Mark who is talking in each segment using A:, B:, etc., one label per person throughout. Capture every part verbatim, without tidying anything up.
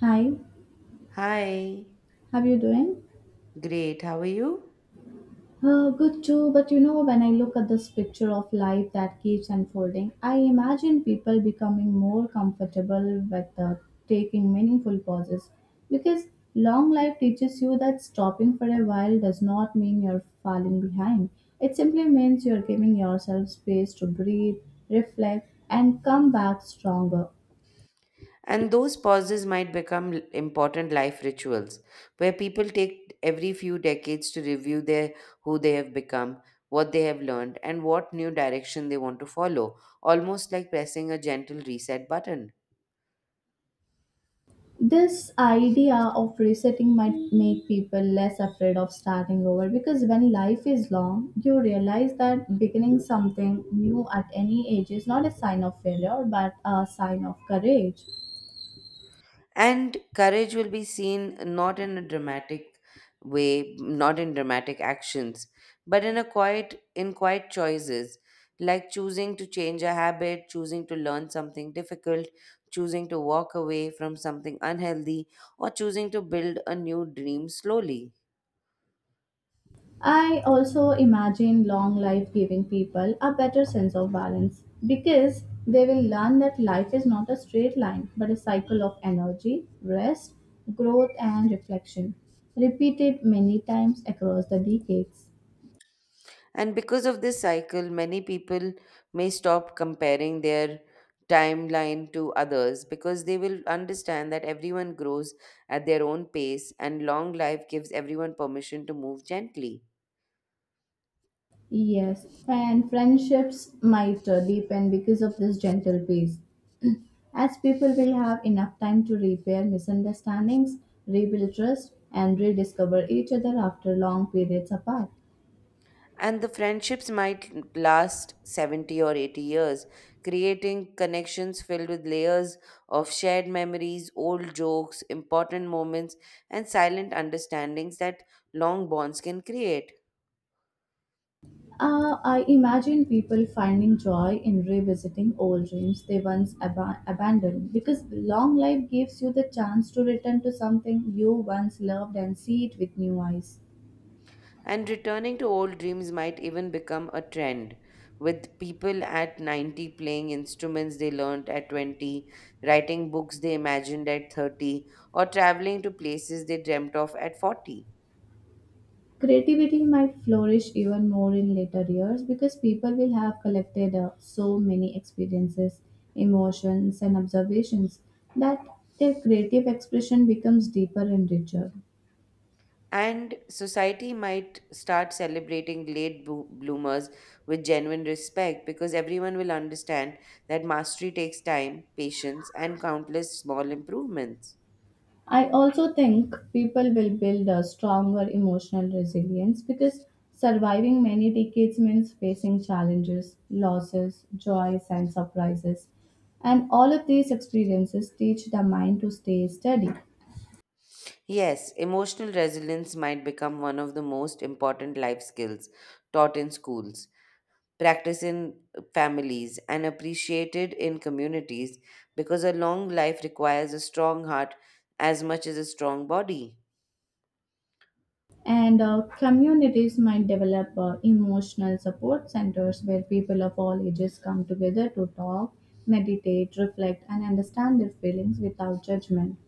A: Hi,
B: Hi,
A: how you doing?
B: great, how are you?
A: Uh, good too, but you know, when I look at this picture of life that keeps unfolding, I imagine people becoming more comfortable with uh, taking meaningful pauses because long life teaches you that stopping for a while does not mean you're falling behind. It simply means you're giving yourself space to breathe, reflect, and come back stronger.
B: And those pauses might become l- important life rituals where people take every few decades to review their who they have become, what they have learned, and what new direction they want to follow, almost like pressing a gentle reset button.
A: This idea of resetting might make people less afraid of starting over, because when life is long you realize that beginning something new at any age is not a sign of failure but a sign of courage.
B: And courage will be seen not in a dramatic way not in dramatic actions but in a quiet in quiet choices, like choosing to change a habit, choosing to learn something difficult, choosing to walk away from something unhealthy, or choosing to build a new dream slowly.
A: I also imagine long life giving people a better sense of balance, because they will learn that life is not a straight line but a cycle of energy, rest, growth, and reflection, repeated many times across the decades.
B: And because of this cycle, many people may stop comparing their timeline to others because they will understand that everyone grows at their own pace and long life gives everyone permission to move gently.
A: Yes, and friendships might uh, deepen because of this gentle pace, as people will have enough time to repair misunderstandings, rebuild trust, and rediscover each other after long periods apart.
B: And the friendships might last seventy or eighty years, creating connections filled with layers of shared memories, old jokes, important moments, and silent understandings that long bonds can create.
A: Uh, I imagine people finding joy in revisiting old dreams they once aba- abandoned, because long life gives you the chance to return to something you once loved and see it with new eyes.
B: And returning to old dreams might even become a trend, with people at ninety playing instruments they learned at twenty, writing books they imagined at thirty, or traveling to places they dreamt of at forty.
A: Creativity might flourish even more in later years because people will have collected uh, so many experiences, emotions, and observations that their creative expression becomes deeper and richer.
B: And society might start celebrating late bo- bloomers with genuine respect because everyone will understand that mastery takes time, patience, and countless small improvements.
A: I also think people will build a stronger emotional resilience because surviving many decades means facing challenges, losses, joys, and surprises. And all of these experiences teach the mind to stay steady.
B: Yes, emotional resilience might become one of the most important life skills taught in schools, practiced in families, and appreciated in communities because a long life requires a strong heart as much as a strong body.
A: And uh, communities might develop uh, emotional support centers where people of all ages come together to talk, meditate, reflect, and understand their feelings without judgment.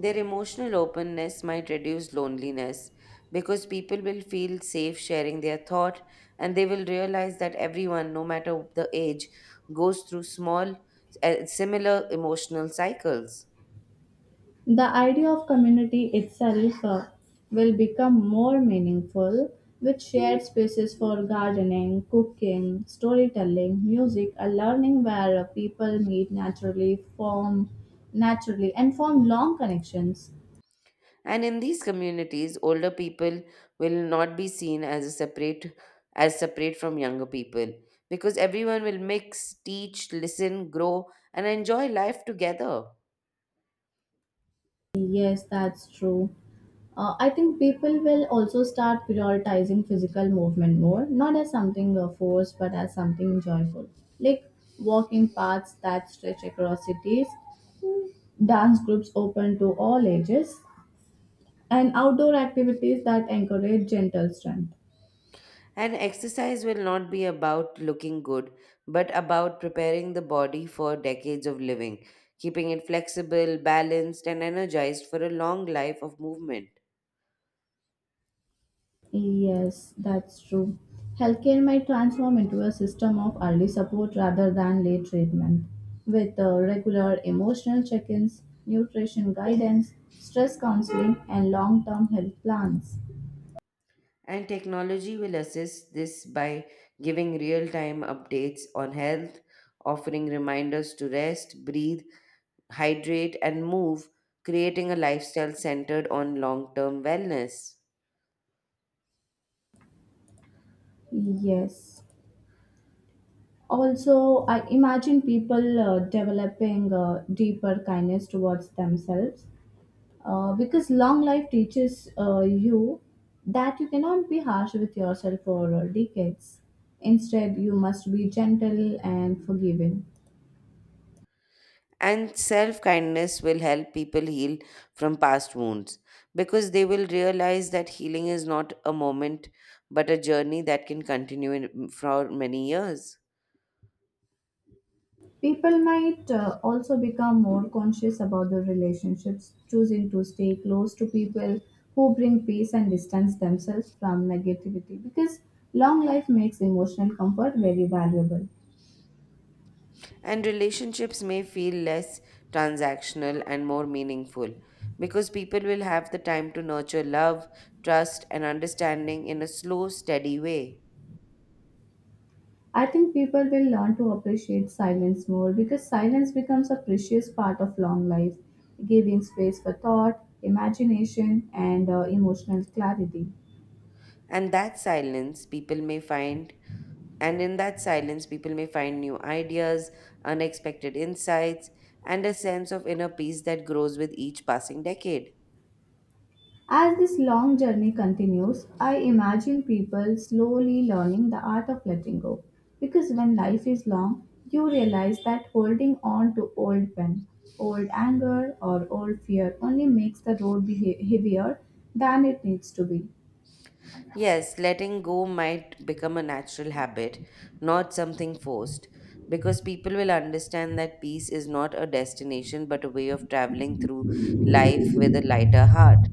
B: Their emotional openness might reduce loneliness because people will feel safe sharing their thought and they will realize that everyone, no matter the age, goes through small, eh, similar emotional cycles.
A: The idea of community itself uh, will become more meaningful, with shared spaces for gardening, cooking, storytelling, music, and learning, where uh, people meet naturally, form naturally, and form long connections.
B: And in these communities, older people will not be seen as a separate as separate from younger people because everyone will mix, teach, listen, grow, and enjoy life together.
A: Yes, that's true. Uh, I think people will also start prioritizing physical movement more, not as something uh, forced, but as something joyful. Like walking paths that stretch across cities, dance groups open to all ages, and outdoor activities that encourage gentle strength.
B: And exercise will not be about looking good, but about preparing the body for decades of living, keeping it flexible, balanced, and energized for a long life of movement.
A: Yes, that's true. Healthcare might transform into a system of early support rather than late treatment, with uh, regular emotional check ins, nutrition guidance, stress counseling, and long term health plans.
B: And technology will assist this by giving real time updates on health, offering reminders to rest, breathe, hydrate, and move, creating a lifestyle centered on long term wellness.
A: Yes. Also, I imagine people uh, developing uh, deeper kindness towards themselves, Uh, because long life teaches uh, you that you cannot be harsh with yourself for uh, decades. Instead, you must be gentle and forgiving.
B: And self kindness will help people heal from past wounds because they will realize that healing is not a moment but a journey that can continue in, for many years.
A: People might uh, also become more conscious about their relationships, choosing to stay close to people who bring peace and distance themselves from negativity, because long life makes emotional comfort very valuable.
B: And relationships may feel less transactional and more meaningful because people will have the time to nurture love, trust, and understanding in a slow, steady way.
A: I think people will learn to appreciate silence more, because silence becomes a precious part of long life, giving space for thought, imagination, and uh, emotional clarity.
B: And that silence, people may find, and in that silence, people may find new ideas, unexpected insights, and a sense of inner peace that grows with each passing decade.
A: As this long journey continues, I imagine people slowly learning the art of letting go, because when life is long, you realize that holding on to old pain, old anger, or old fear only makes the road be he- heavier than it needs to be.
B: Yes, letting go might become a natural habit, not something forced, because people will understand that peace is not a destination but a way of traveling through life with a lighter heart.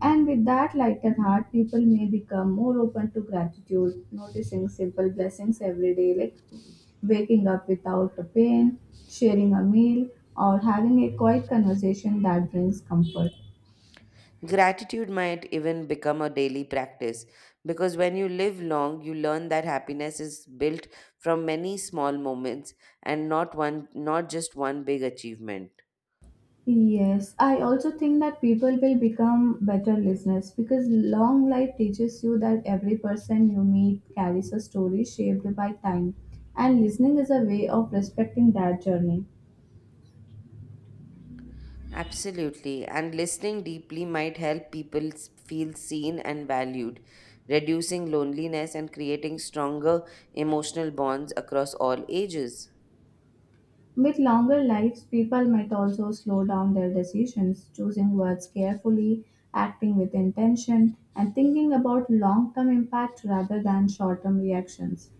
A: And with that lighter heart, people may become more open to gratitude, noticing simple blessings every day, like waking up without a pain, sharing a meal, or having a quiet conversation that brings comfort.
B: Gratitude might even become a daily practice, because when you live long, you learn that happiness is built from many small moments and not one not just one big achievement.
A: Yes, I also think that people will become better listeners, because long life teaches you that every person you meet carries a story shaped by time, and listening is a way of respecting that journey.
B: Absolutely. And listening deeply might help people s- feel seen and valued, reducing loneliness and creating stronger emotional bonds across all ages.
A: With longer lives, people might also slow down their decisions, choosing words carefully, acting with intention, and thinking about long term impact rather than short term reactions.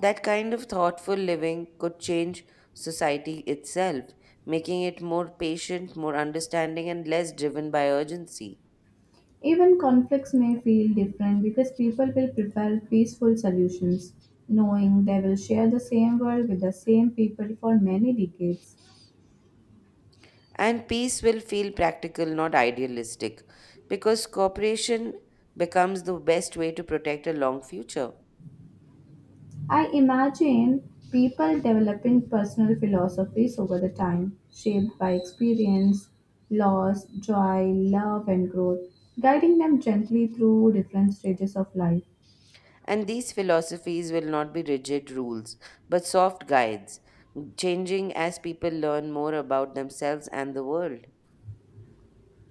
B: That kind of thoughtful living could change society itself, making it more patient, more understanding, and less driven by urgency.
A: Even conflicts may feel different because people will prefer peaceful solutions, knowing they will share the same world with the same people for many decades.
B: And peace will feel practical, not idealistic, because cooperation becomes the best way to protect a long future.
A: I imagine people developing personal philosophies over the time, shaped by experience, loss, joy, love, and growth, guiding them gently through different stages of life.
B: And these philosophies will not be rigid rules, but soft guides, changing as people learn more about themselves and the world.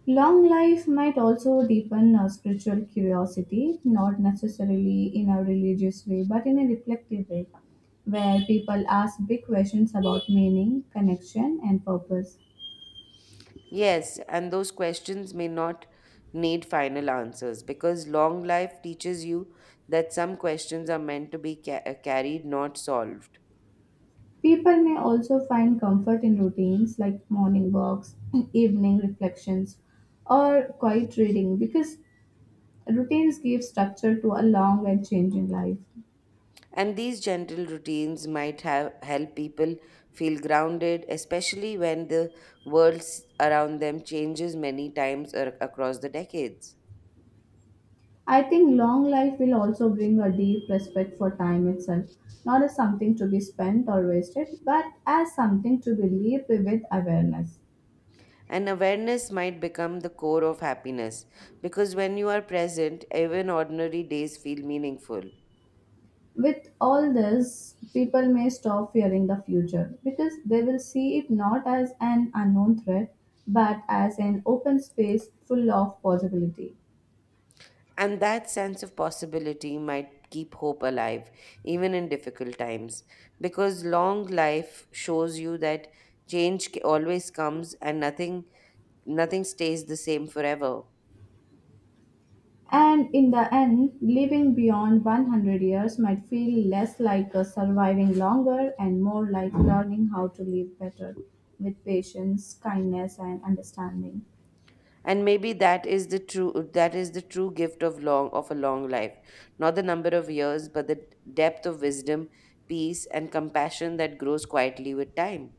A: Long life might also deepen our spiritual curiosity, not necessarily in a religious way, but in a reflective way, where people ask big questions about meaning, connection, and purpose.
B: Yes, and those questions may not need final answers because long life teaches you that some questions are meant to be ca- uh, carried, not solved.
A: People may also find comfort in routines like morning walks, evening reflections, or quiet reading, because routines give structure to a long and changing life.
B: And these gentle routines might have, help people feel grounded, especially when the world s- around them changes many times ar- across the decades.
A: I think long life will also bring a deep respect for time itself, not as something to be spent or wasted, but as something to be lived with awareness.
B: And awareness might become the core of happiness because when you are present, even ordinary days feel meaningful.
A: With all this, people may stop fearing the future because they will see it not as an unknown threat but as an open space full of possibility.
B: And that sense of possibility might keep hope alive, even in difficult times, because long life shows you that change ca- always comes and nothing nothing stays the same forever.
A: And in the end, living beyond one hundred years might feel less like a surviving longer and more like learning how to live better, with patience, kindness, and understanding.
B: And maybe that is the true that is the true gift of long of a long life, not the number of years, but the depth of wisdom, peace, and compassion that grows quietly with time.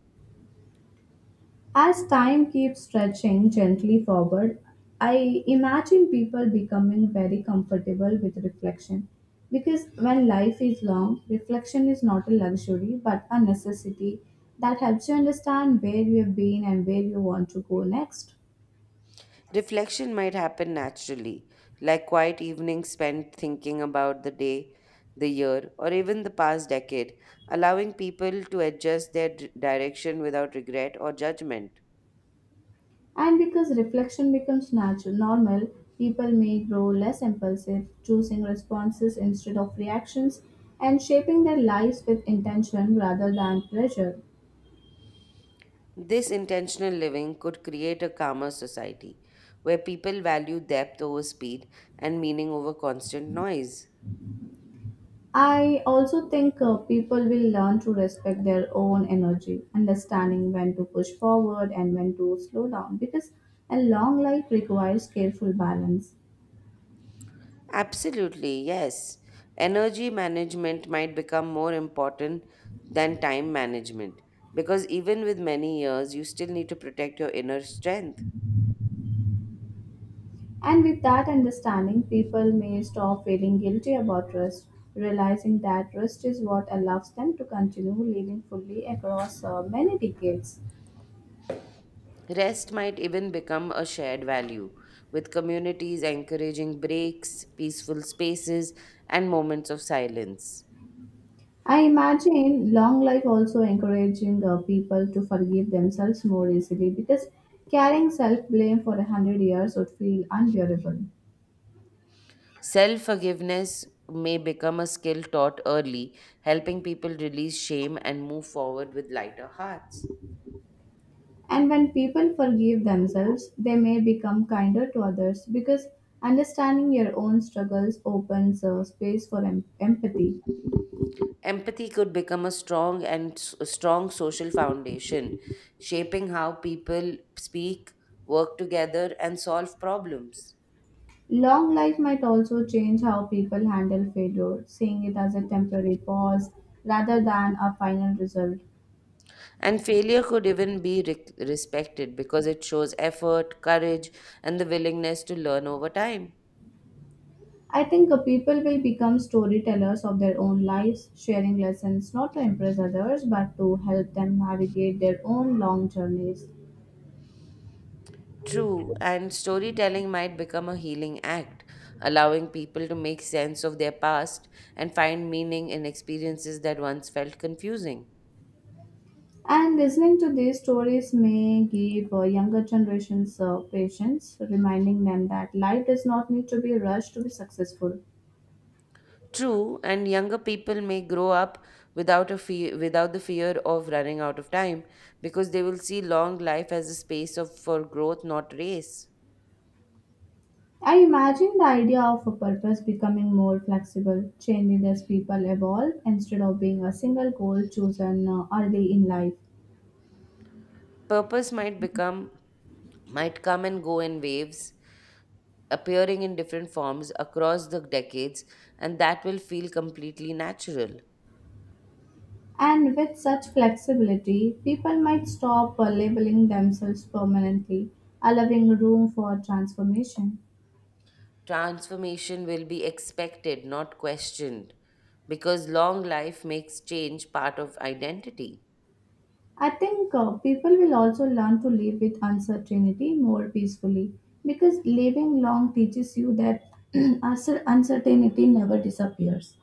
A: As time keeps stretching gently forward, I imagine people becoming very comfortable with reflection, because when life is long, reflection is not a luxury but a necessity that helps you understand where you have been and where you want to go next.
B: Reflection might happen naturally, like quiet evenings spent thinking about the day, the year, or even the past decade, allowing people to adjust their d- direction without regret or judgment.
A: And because reflection becomes natural, normal, people may grow less impulsive, choosing responses instead of reactions, and shaping their lives with intention rather than pressure.
B: This intentional living could create a calmer society where people value depth over speed and meaning over constant noise.
A: I also think uh, people will learn to respect their own energy, understanding when to push forward and when to slow down, because a long life requires careful balance.
B: Absolutely, yes. Energy management might become more important than time management because even with many years, you still need to protect your inner strength.
A: And with that understanding, people may stop feeling guilty about rest, realizing that rest is what allows them to continue living fully across uh, many decades.
B: Rest might even become a shared value, with communities encouraging breaks, peaceful spaces, and moments of silence.
A: I imagine long life also encouraging uh, people to forgive themselves more easily, because carrying self blame for a hundred years would feel unbearable.
B: Self forgiveness may become a skill taught early, helping people release shame and move forward with lighter hearts.
A: And when people forgive themselves, they may become kinder to others, because understanding your own struggles opens a space for em- empathy.
B: Empathy could become a strong and s- a strong social foundation, shaping how people speak, work together, and solve problems.
A: Long life might also change how people handle failure, seeing it as a temporary pause rather than a final result.
B: And failure could even be re- respected because it shows effort, courage, and the willingness to learn over time.
A: I think uh, people will become storytellers of their own lives, sharing lessons not to impress others but to help them navigate their own long journeys.
B: True, and storytelling might become a healing act, allowing people to make sense of their past and find meaning in experiences that once felt confusing.
A: And listening to these stories may give uh, younger generations uh, patience, reminding them that life does not need to be rushed to be successful.
B: True, and younger people may grow up without a fear, without the fear of running out of time because they will see long life as a space of for growth, not race.
A: I imagine the idea of a purpose becoming more flexible, changing as people evolve instead of being a single goal chosen uh, early in life.
B: Purpose might become might come and go in waves, appearing in different forms across the decades, and that will feel completely natural.
A: And with such flexibility, people might stop uh, labeling themselves permanently, allowing room for transformation.
B: Transformation will be expected, not questioned, because long life makes change part of identity.
A: I think uh, people will also learn to live with uncertainty more peacefully, because living long teaches you that uncer- uncertainty never disappears,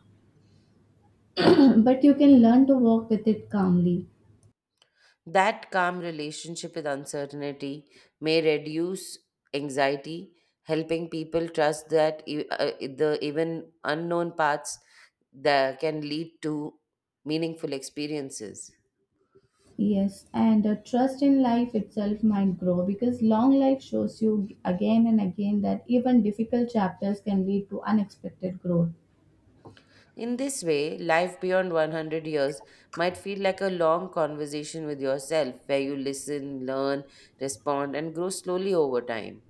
A: but you can learn to walk with it calmly.
B: That calm relationship with uncertainty may reduce anxiety, helping people trust that e- uh, the even unknown paths that can lead to meaningful experiences.
A: Yes, and uh, trust in life itself might grow, because long life shows you g- again and again that even difficult chapters can lead to unexpected growth.
B: In this way, life beyond one hundred years might feel like a long conversation with yourself where you listen, learn, respond, and grow slowly over time.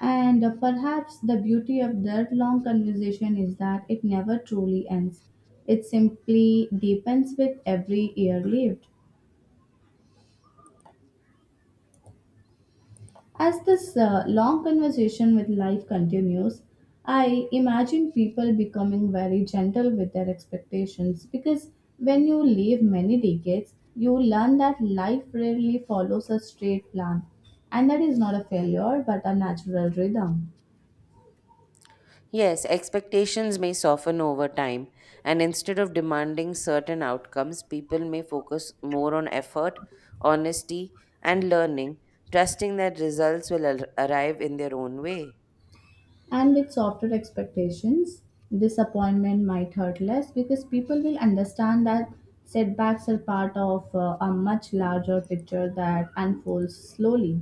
A: And uh, perhaps the beauty of that long conversation is that it never truly ends, it simply deepens with every year lived. As this uh, long conversation with life continues, I imagine people becoming very gentle with their expectations, because when you live many decades, you learn that life rarely follows a straight plan, and that is not a failure but a natural rhythm.
B: Yes, expectations may soften over time, and instead of demanding certain outcomes, people may focus more on effort, honesty, and learning, trusting that results will ar- arrive in their own way.
A: And with softer expectations, disappointment might hurt less, because people will understand that setbacks are part of uh, a much larger picture that unfolds slowly.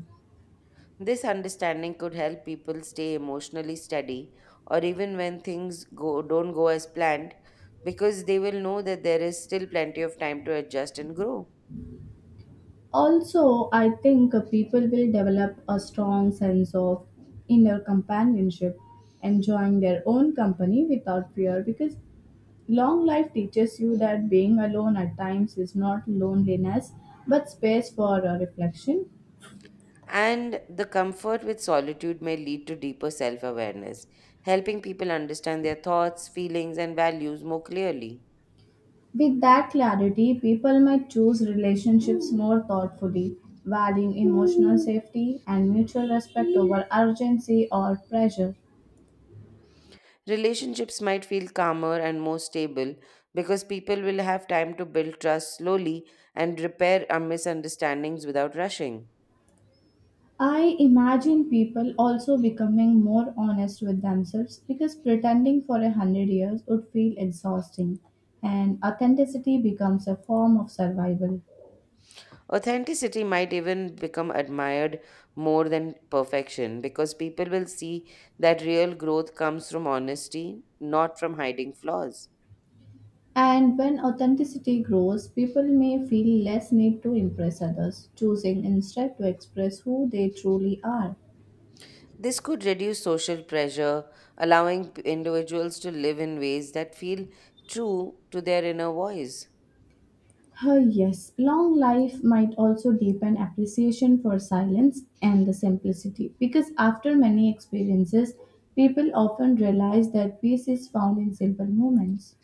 B: This understanding could help people stay emotionally steady or even when things go, don't go as planned because they will know that there is still plenty of time to adjust and grow.
A: Also, I think uh, people will develop a strong sense of inner companionship, enjoying their own company without fear, because long life teaches you that being alone at times is not loneliness but space for uh, reflection.
B: And the comfort with solitude may lead to deeper self awareness, helping people understand their thoughts, feelings, and values more clearly.
A: With that clarity, people might choose relationships more thoughtfully, valuing emotional safety and mutual respect over urgency or pressure.
B: Relationships might feel calmer and more stable because people will have time to build trust slowly and repair our misunderstandings without rushing.
A: I imagine people also becoming more honest with themselves, because pretending for a hundred years would feel exhausting, and authenticity becomes a form of survival.
B: Authenticity might even become admired more than perfection because people will see that real growth comes from honesty, not from hiding flaws.
A: And when authenticity grows, people may feel less need to impress others, choosing instead to express who they truly are.
B: This could reduce social pressure, allowing p- individuals to live in ways that feel true to their inner voice.
A: Ah, yes, long life might also deepen appreciation for silence and the simplicity, because after many experiences, people often realize that peace is found in simple moments.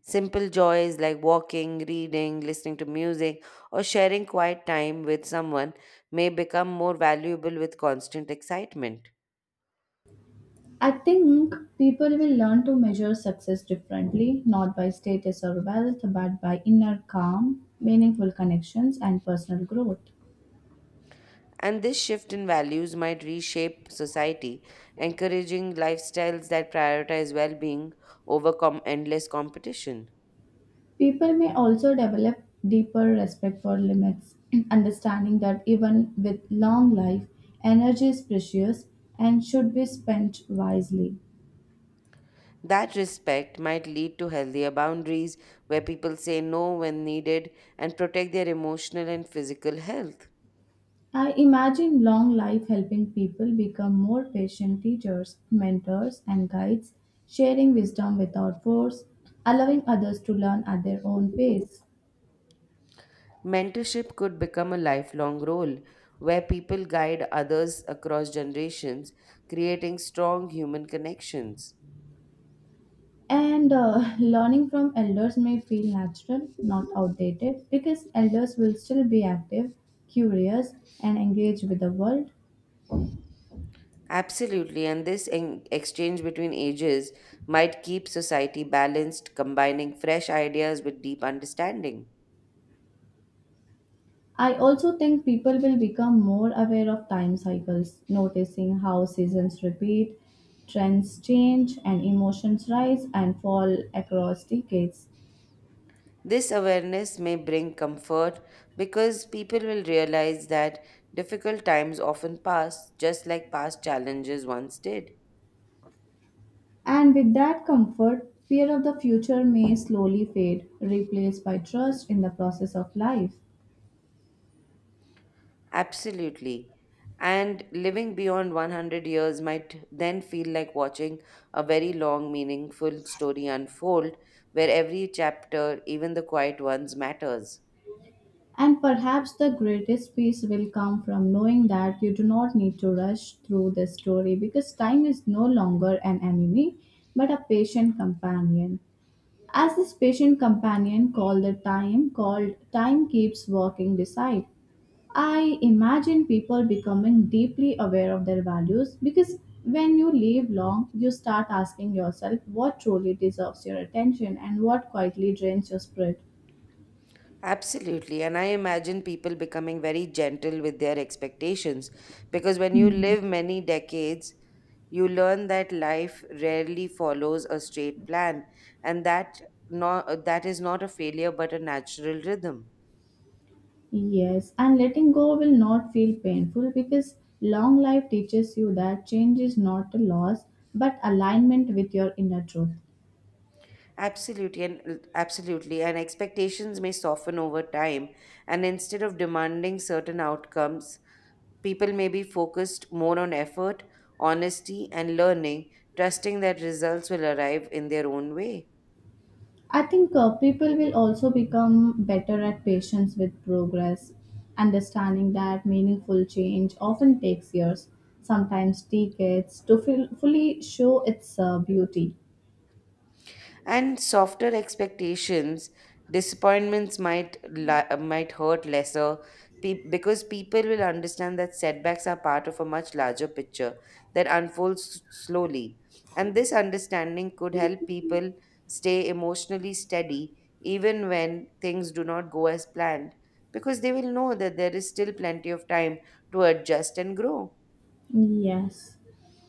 B: Simple joys like walking, reading, listening to music, or sharing quiet time with someone may become more valuable with constant excitement.
A: I think people will learn to measure success differently, not by status or wealth, but by inner calm, meaningful connections, and personal growth.
B: And this shift in values might reshape society, encouraging lifestyles that prioritize well being over com- endless competition.
A: People may also develop deeper respect for limits, understanding that even with long life, energy is precious and should be spent wisely.
B: That respect might lead to healthier boundaries where people say no when needed and protect their emotional and physical health.
A: I imagine long life helping people become more patient teachers, mentors, and guides, sharing wisdom without force, allowing others to learn at their own pace.
B: Mentorship could become a lifelong role where people guide others across generations, creating strong human connections.
A: And uh, learning from elders may feel natural, not outdated, because elders will still be active, curious, and engaged with the world.
B: Absolutely, and this en- exchange between ages might keep society balanced, combining fresh ideas with deep understanding.
A: I also think people will become more aware of time cycles, noticing how seasons repeat, trends change, and emotions rise and fall across decades.
B: This awareness may bring comfort because people will realize that difficult times often pass just like past challenges once did.
A: And with that comfort, fear of the future may slowly fade, replaced by trust in the process of life.
B: Absolutely. And living beyond one hundred years might then feel like watching a very long, meaningful story unfold where every chapter, even the quiet ones, matters.
A: And perhaps the greatest peace will come from knowing that you do not need to rush through this story because time is no longer an enemy but a patient companion. As this patient companion called the time, called Time Keeps Walking Beside, I imagine people becoming deeply aware of their values because when you live long, you start asking yourself what truly deserves your attention and what quietly drains your spirit.
B: Absolutely. And I imagine people becoming very gentle with their expectations because when you live many decades, you learn that life rarely follows a straight plan and that no, that is not a failure but a natural rhythm.
A: Yes, and letting go will not feel painful because long life teaches you that change is not a loss but alignment with your inner truth.
B: Absolutely and absolutely and expectations may soften over time, and instead of demanding certain outcomes, people may be focused more on effort, honesty, and learning, trusting that results will arrive in their own way.
A: I think uh, people will also become better at patience with progress, understanding that meaningful change often takes years, sometimes decades, to feel, fully show its uh, beauty.
B: And softer expectations, disappointments might li- might hurt lesser pe- because people will understand that setbacks are part of a much larger picture that unfolds s- slowly. And this understanding could help people stay emotionally steady even when things do not go as planned because they will know that there is still plenty of time to adjust and grow.
A: Yes.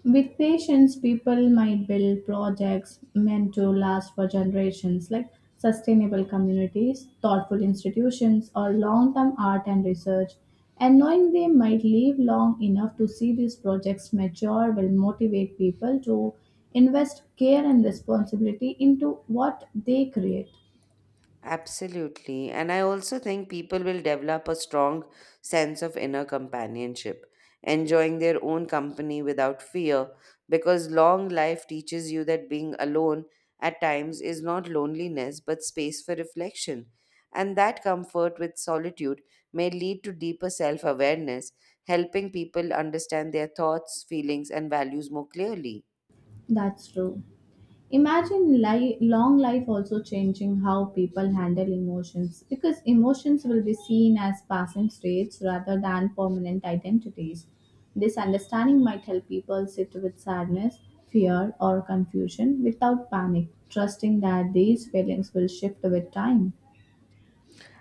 A: With patience, people might build projects meant to last for generations, like sustainable communities, thoughtful institutions, or long term art and research. And knowing they might live long enough to see these projects mature will motivate people to invest care and responsibility into what they create.
B: Absolutely. And I also think people will develop a strong sense of inner companionship, enjoying their own company without fear, because long life teaches you that being alone at times is not loneliness but space for reflection. And that comfort with solitude may lead to deeper self awareness, helping people understand their thoughts, feelings, and values more clearly.
A: That's true. Imagine li- long life also changing how people handle emotions because emotions will be seen as passing states rather than permanent identities. This understanding might help people sit with sadness, fear, or confusion without panic, trusting that these feelings will shift with time.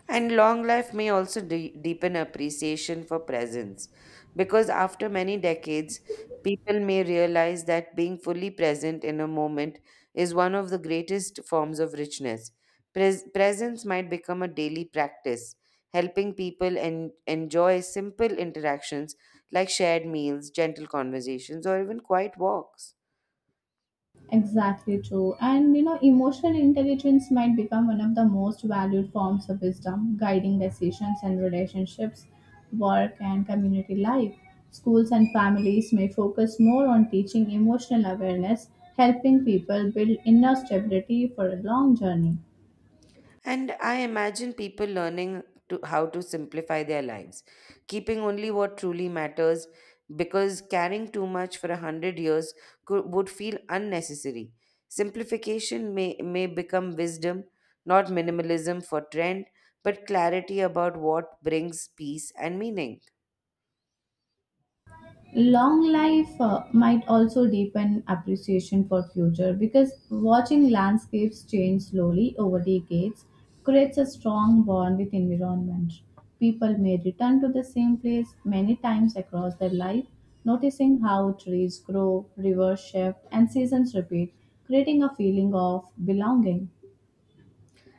B: And long life may also de- deepen appreciation for presence because after many decades, people may realize that being fully present in a moment is one of the greatest forms of richness. Pres- presence might become a daily practice, helping people en- enjoy simple interactions like shared meals, gentle conversations, or even quiet walks.
A: Exactly true. And you know, emotional intelligence might become one of the most valued forms of wisdom, guiding decisions and relationships, work and community life. Schools and families may focus more on teaching emotional awareness, helping people build inner stability for a long journey.
B: And I imagine people learning to how to simplify their lives, keeping only what truly matters, because carrying too much for a hundred years could, would feel unnecessary. Simplification may, may become wisdom, not minimalism for trend, but clarity about what brings peace and meaning.
A: Long life uh, might also deepen appreciation for future because watching landscapes change slowly over decades creates a strong bond with environment. People may return to the same place many times across their life, noticing how trees grow, rivers shift, and seasons repeat, creating a feeling of belonging.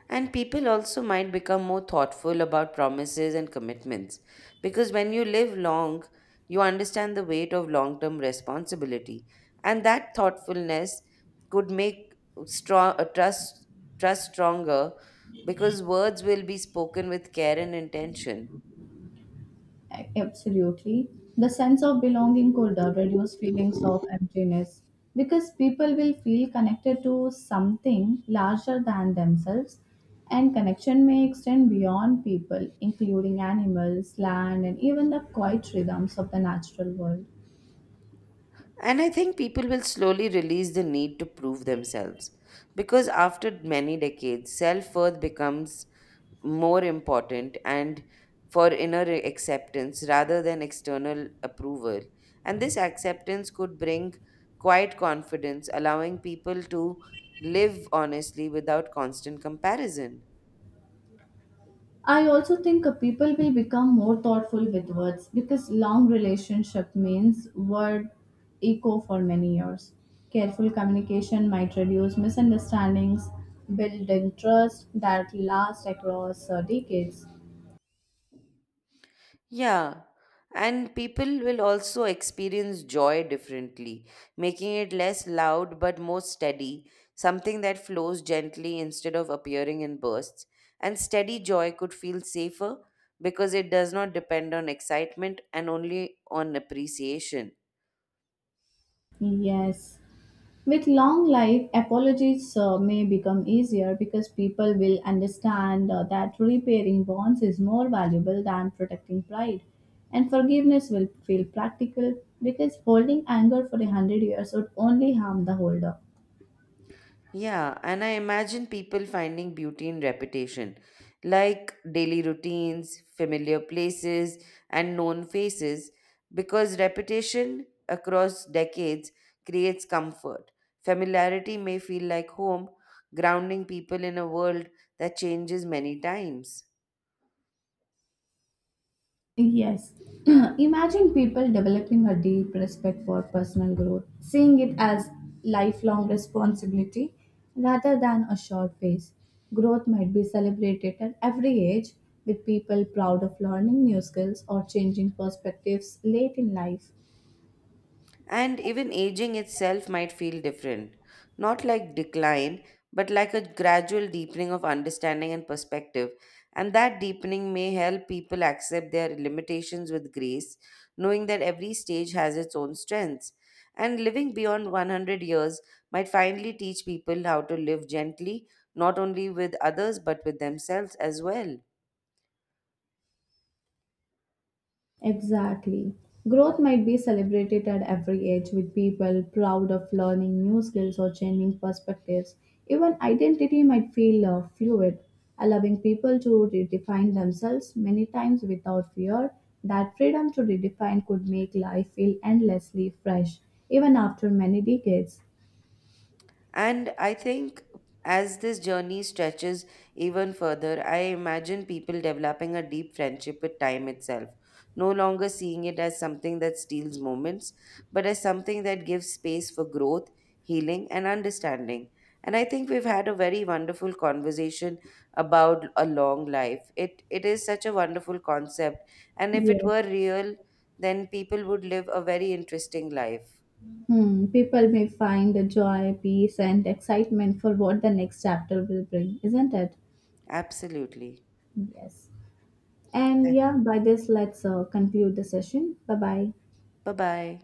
B: And people also might become more thoughtful about promises and commitments because when you live long, you understand the weight of long term responsibility. And that thoughtfulness could make strong, uh, trust, trust stronger because words will be spoken with care and intention.
A: A- Absolutely. The sense of belonging could uh, reduce feelings of emptiness because people will feel connected to something larger than themselves, and connection may extend beyond people, including animals, land, and even the quiet rhythms of the natural world.
B: And I think people will slowly release the need to prove themselves because after many decades, self worth becomes more important and for inner acceptance rather than external approval. And this acceptance could bring quiet confidence, allowing people to live honestly without constant comparison.
A: I also think uh, people will become more thoughtful with words because long relationship means word echo for many years. Careful communication might reduce misunderstandings, building trust that lasts across uh, decades.
B: Yeah, and people will also experience joy differently, making it less loud but more steady, something that flows gently instead of appearing in bursts. And steady joy could feel safer because it does not depend on excitement and only on appreciation.
A: Yes. With long life, apologies uh, may become easier because people will understand uh, that repairing bonds is more valuable than protecting pride. And forgiveness will feel practical because holding anger for a hundred years would only harm the holder.
B: Yeah, and I imagine people finding beauty in repetition, like daily routines, familiar places, and known faces, because repetition across decades creates comfort. Familiarity may feel like home, grounding people in a world that changes many times.
A: Yes. Imagine people developing a deep respect for personal growth, seeing it as lifelong responsibility rather than a short phase. Growth might be celebrated at every age, with people proud of learning new skills or changing perspectives late in life.
B: And even aging itself might feel different, not like decline, but like a gradual deepening of understanding and perspective. And that deepening may help people accept their limitations with grace, knowing that every stage has its own strengths. And living beyond one hundred years might finally teach people how to live gently, not only with others, but with themselves as well.
A: Exactly. Growth might be celebrated at every age, with people proud of learning new skills or changing perspectives. Even identity might feel uh, fluid, allowing people to redefine themselves many times without fear. That freedom to redefine could make life feel endlessly fresh, even after many decades.
B: And I think as this journey stretches even further, I imagine people developing a deep friendship with time itself, no longer seeing it as something that steals moments, but as something that gives space for growth, healing, and understanding. And I think we've had a very wonderful conversation about a long life. It it is such a wonderful concept, and if it
A: Yes.
B: were real, then people would live a very interesting life.
A: Hmm. People may find the joy, peace, and excitement for what the next chapter will bring, isn't it?
B: Absolutely.
A: Yes. And yeah, by this, let's uh, conclude the session. Bye bye.
B: Bye bye.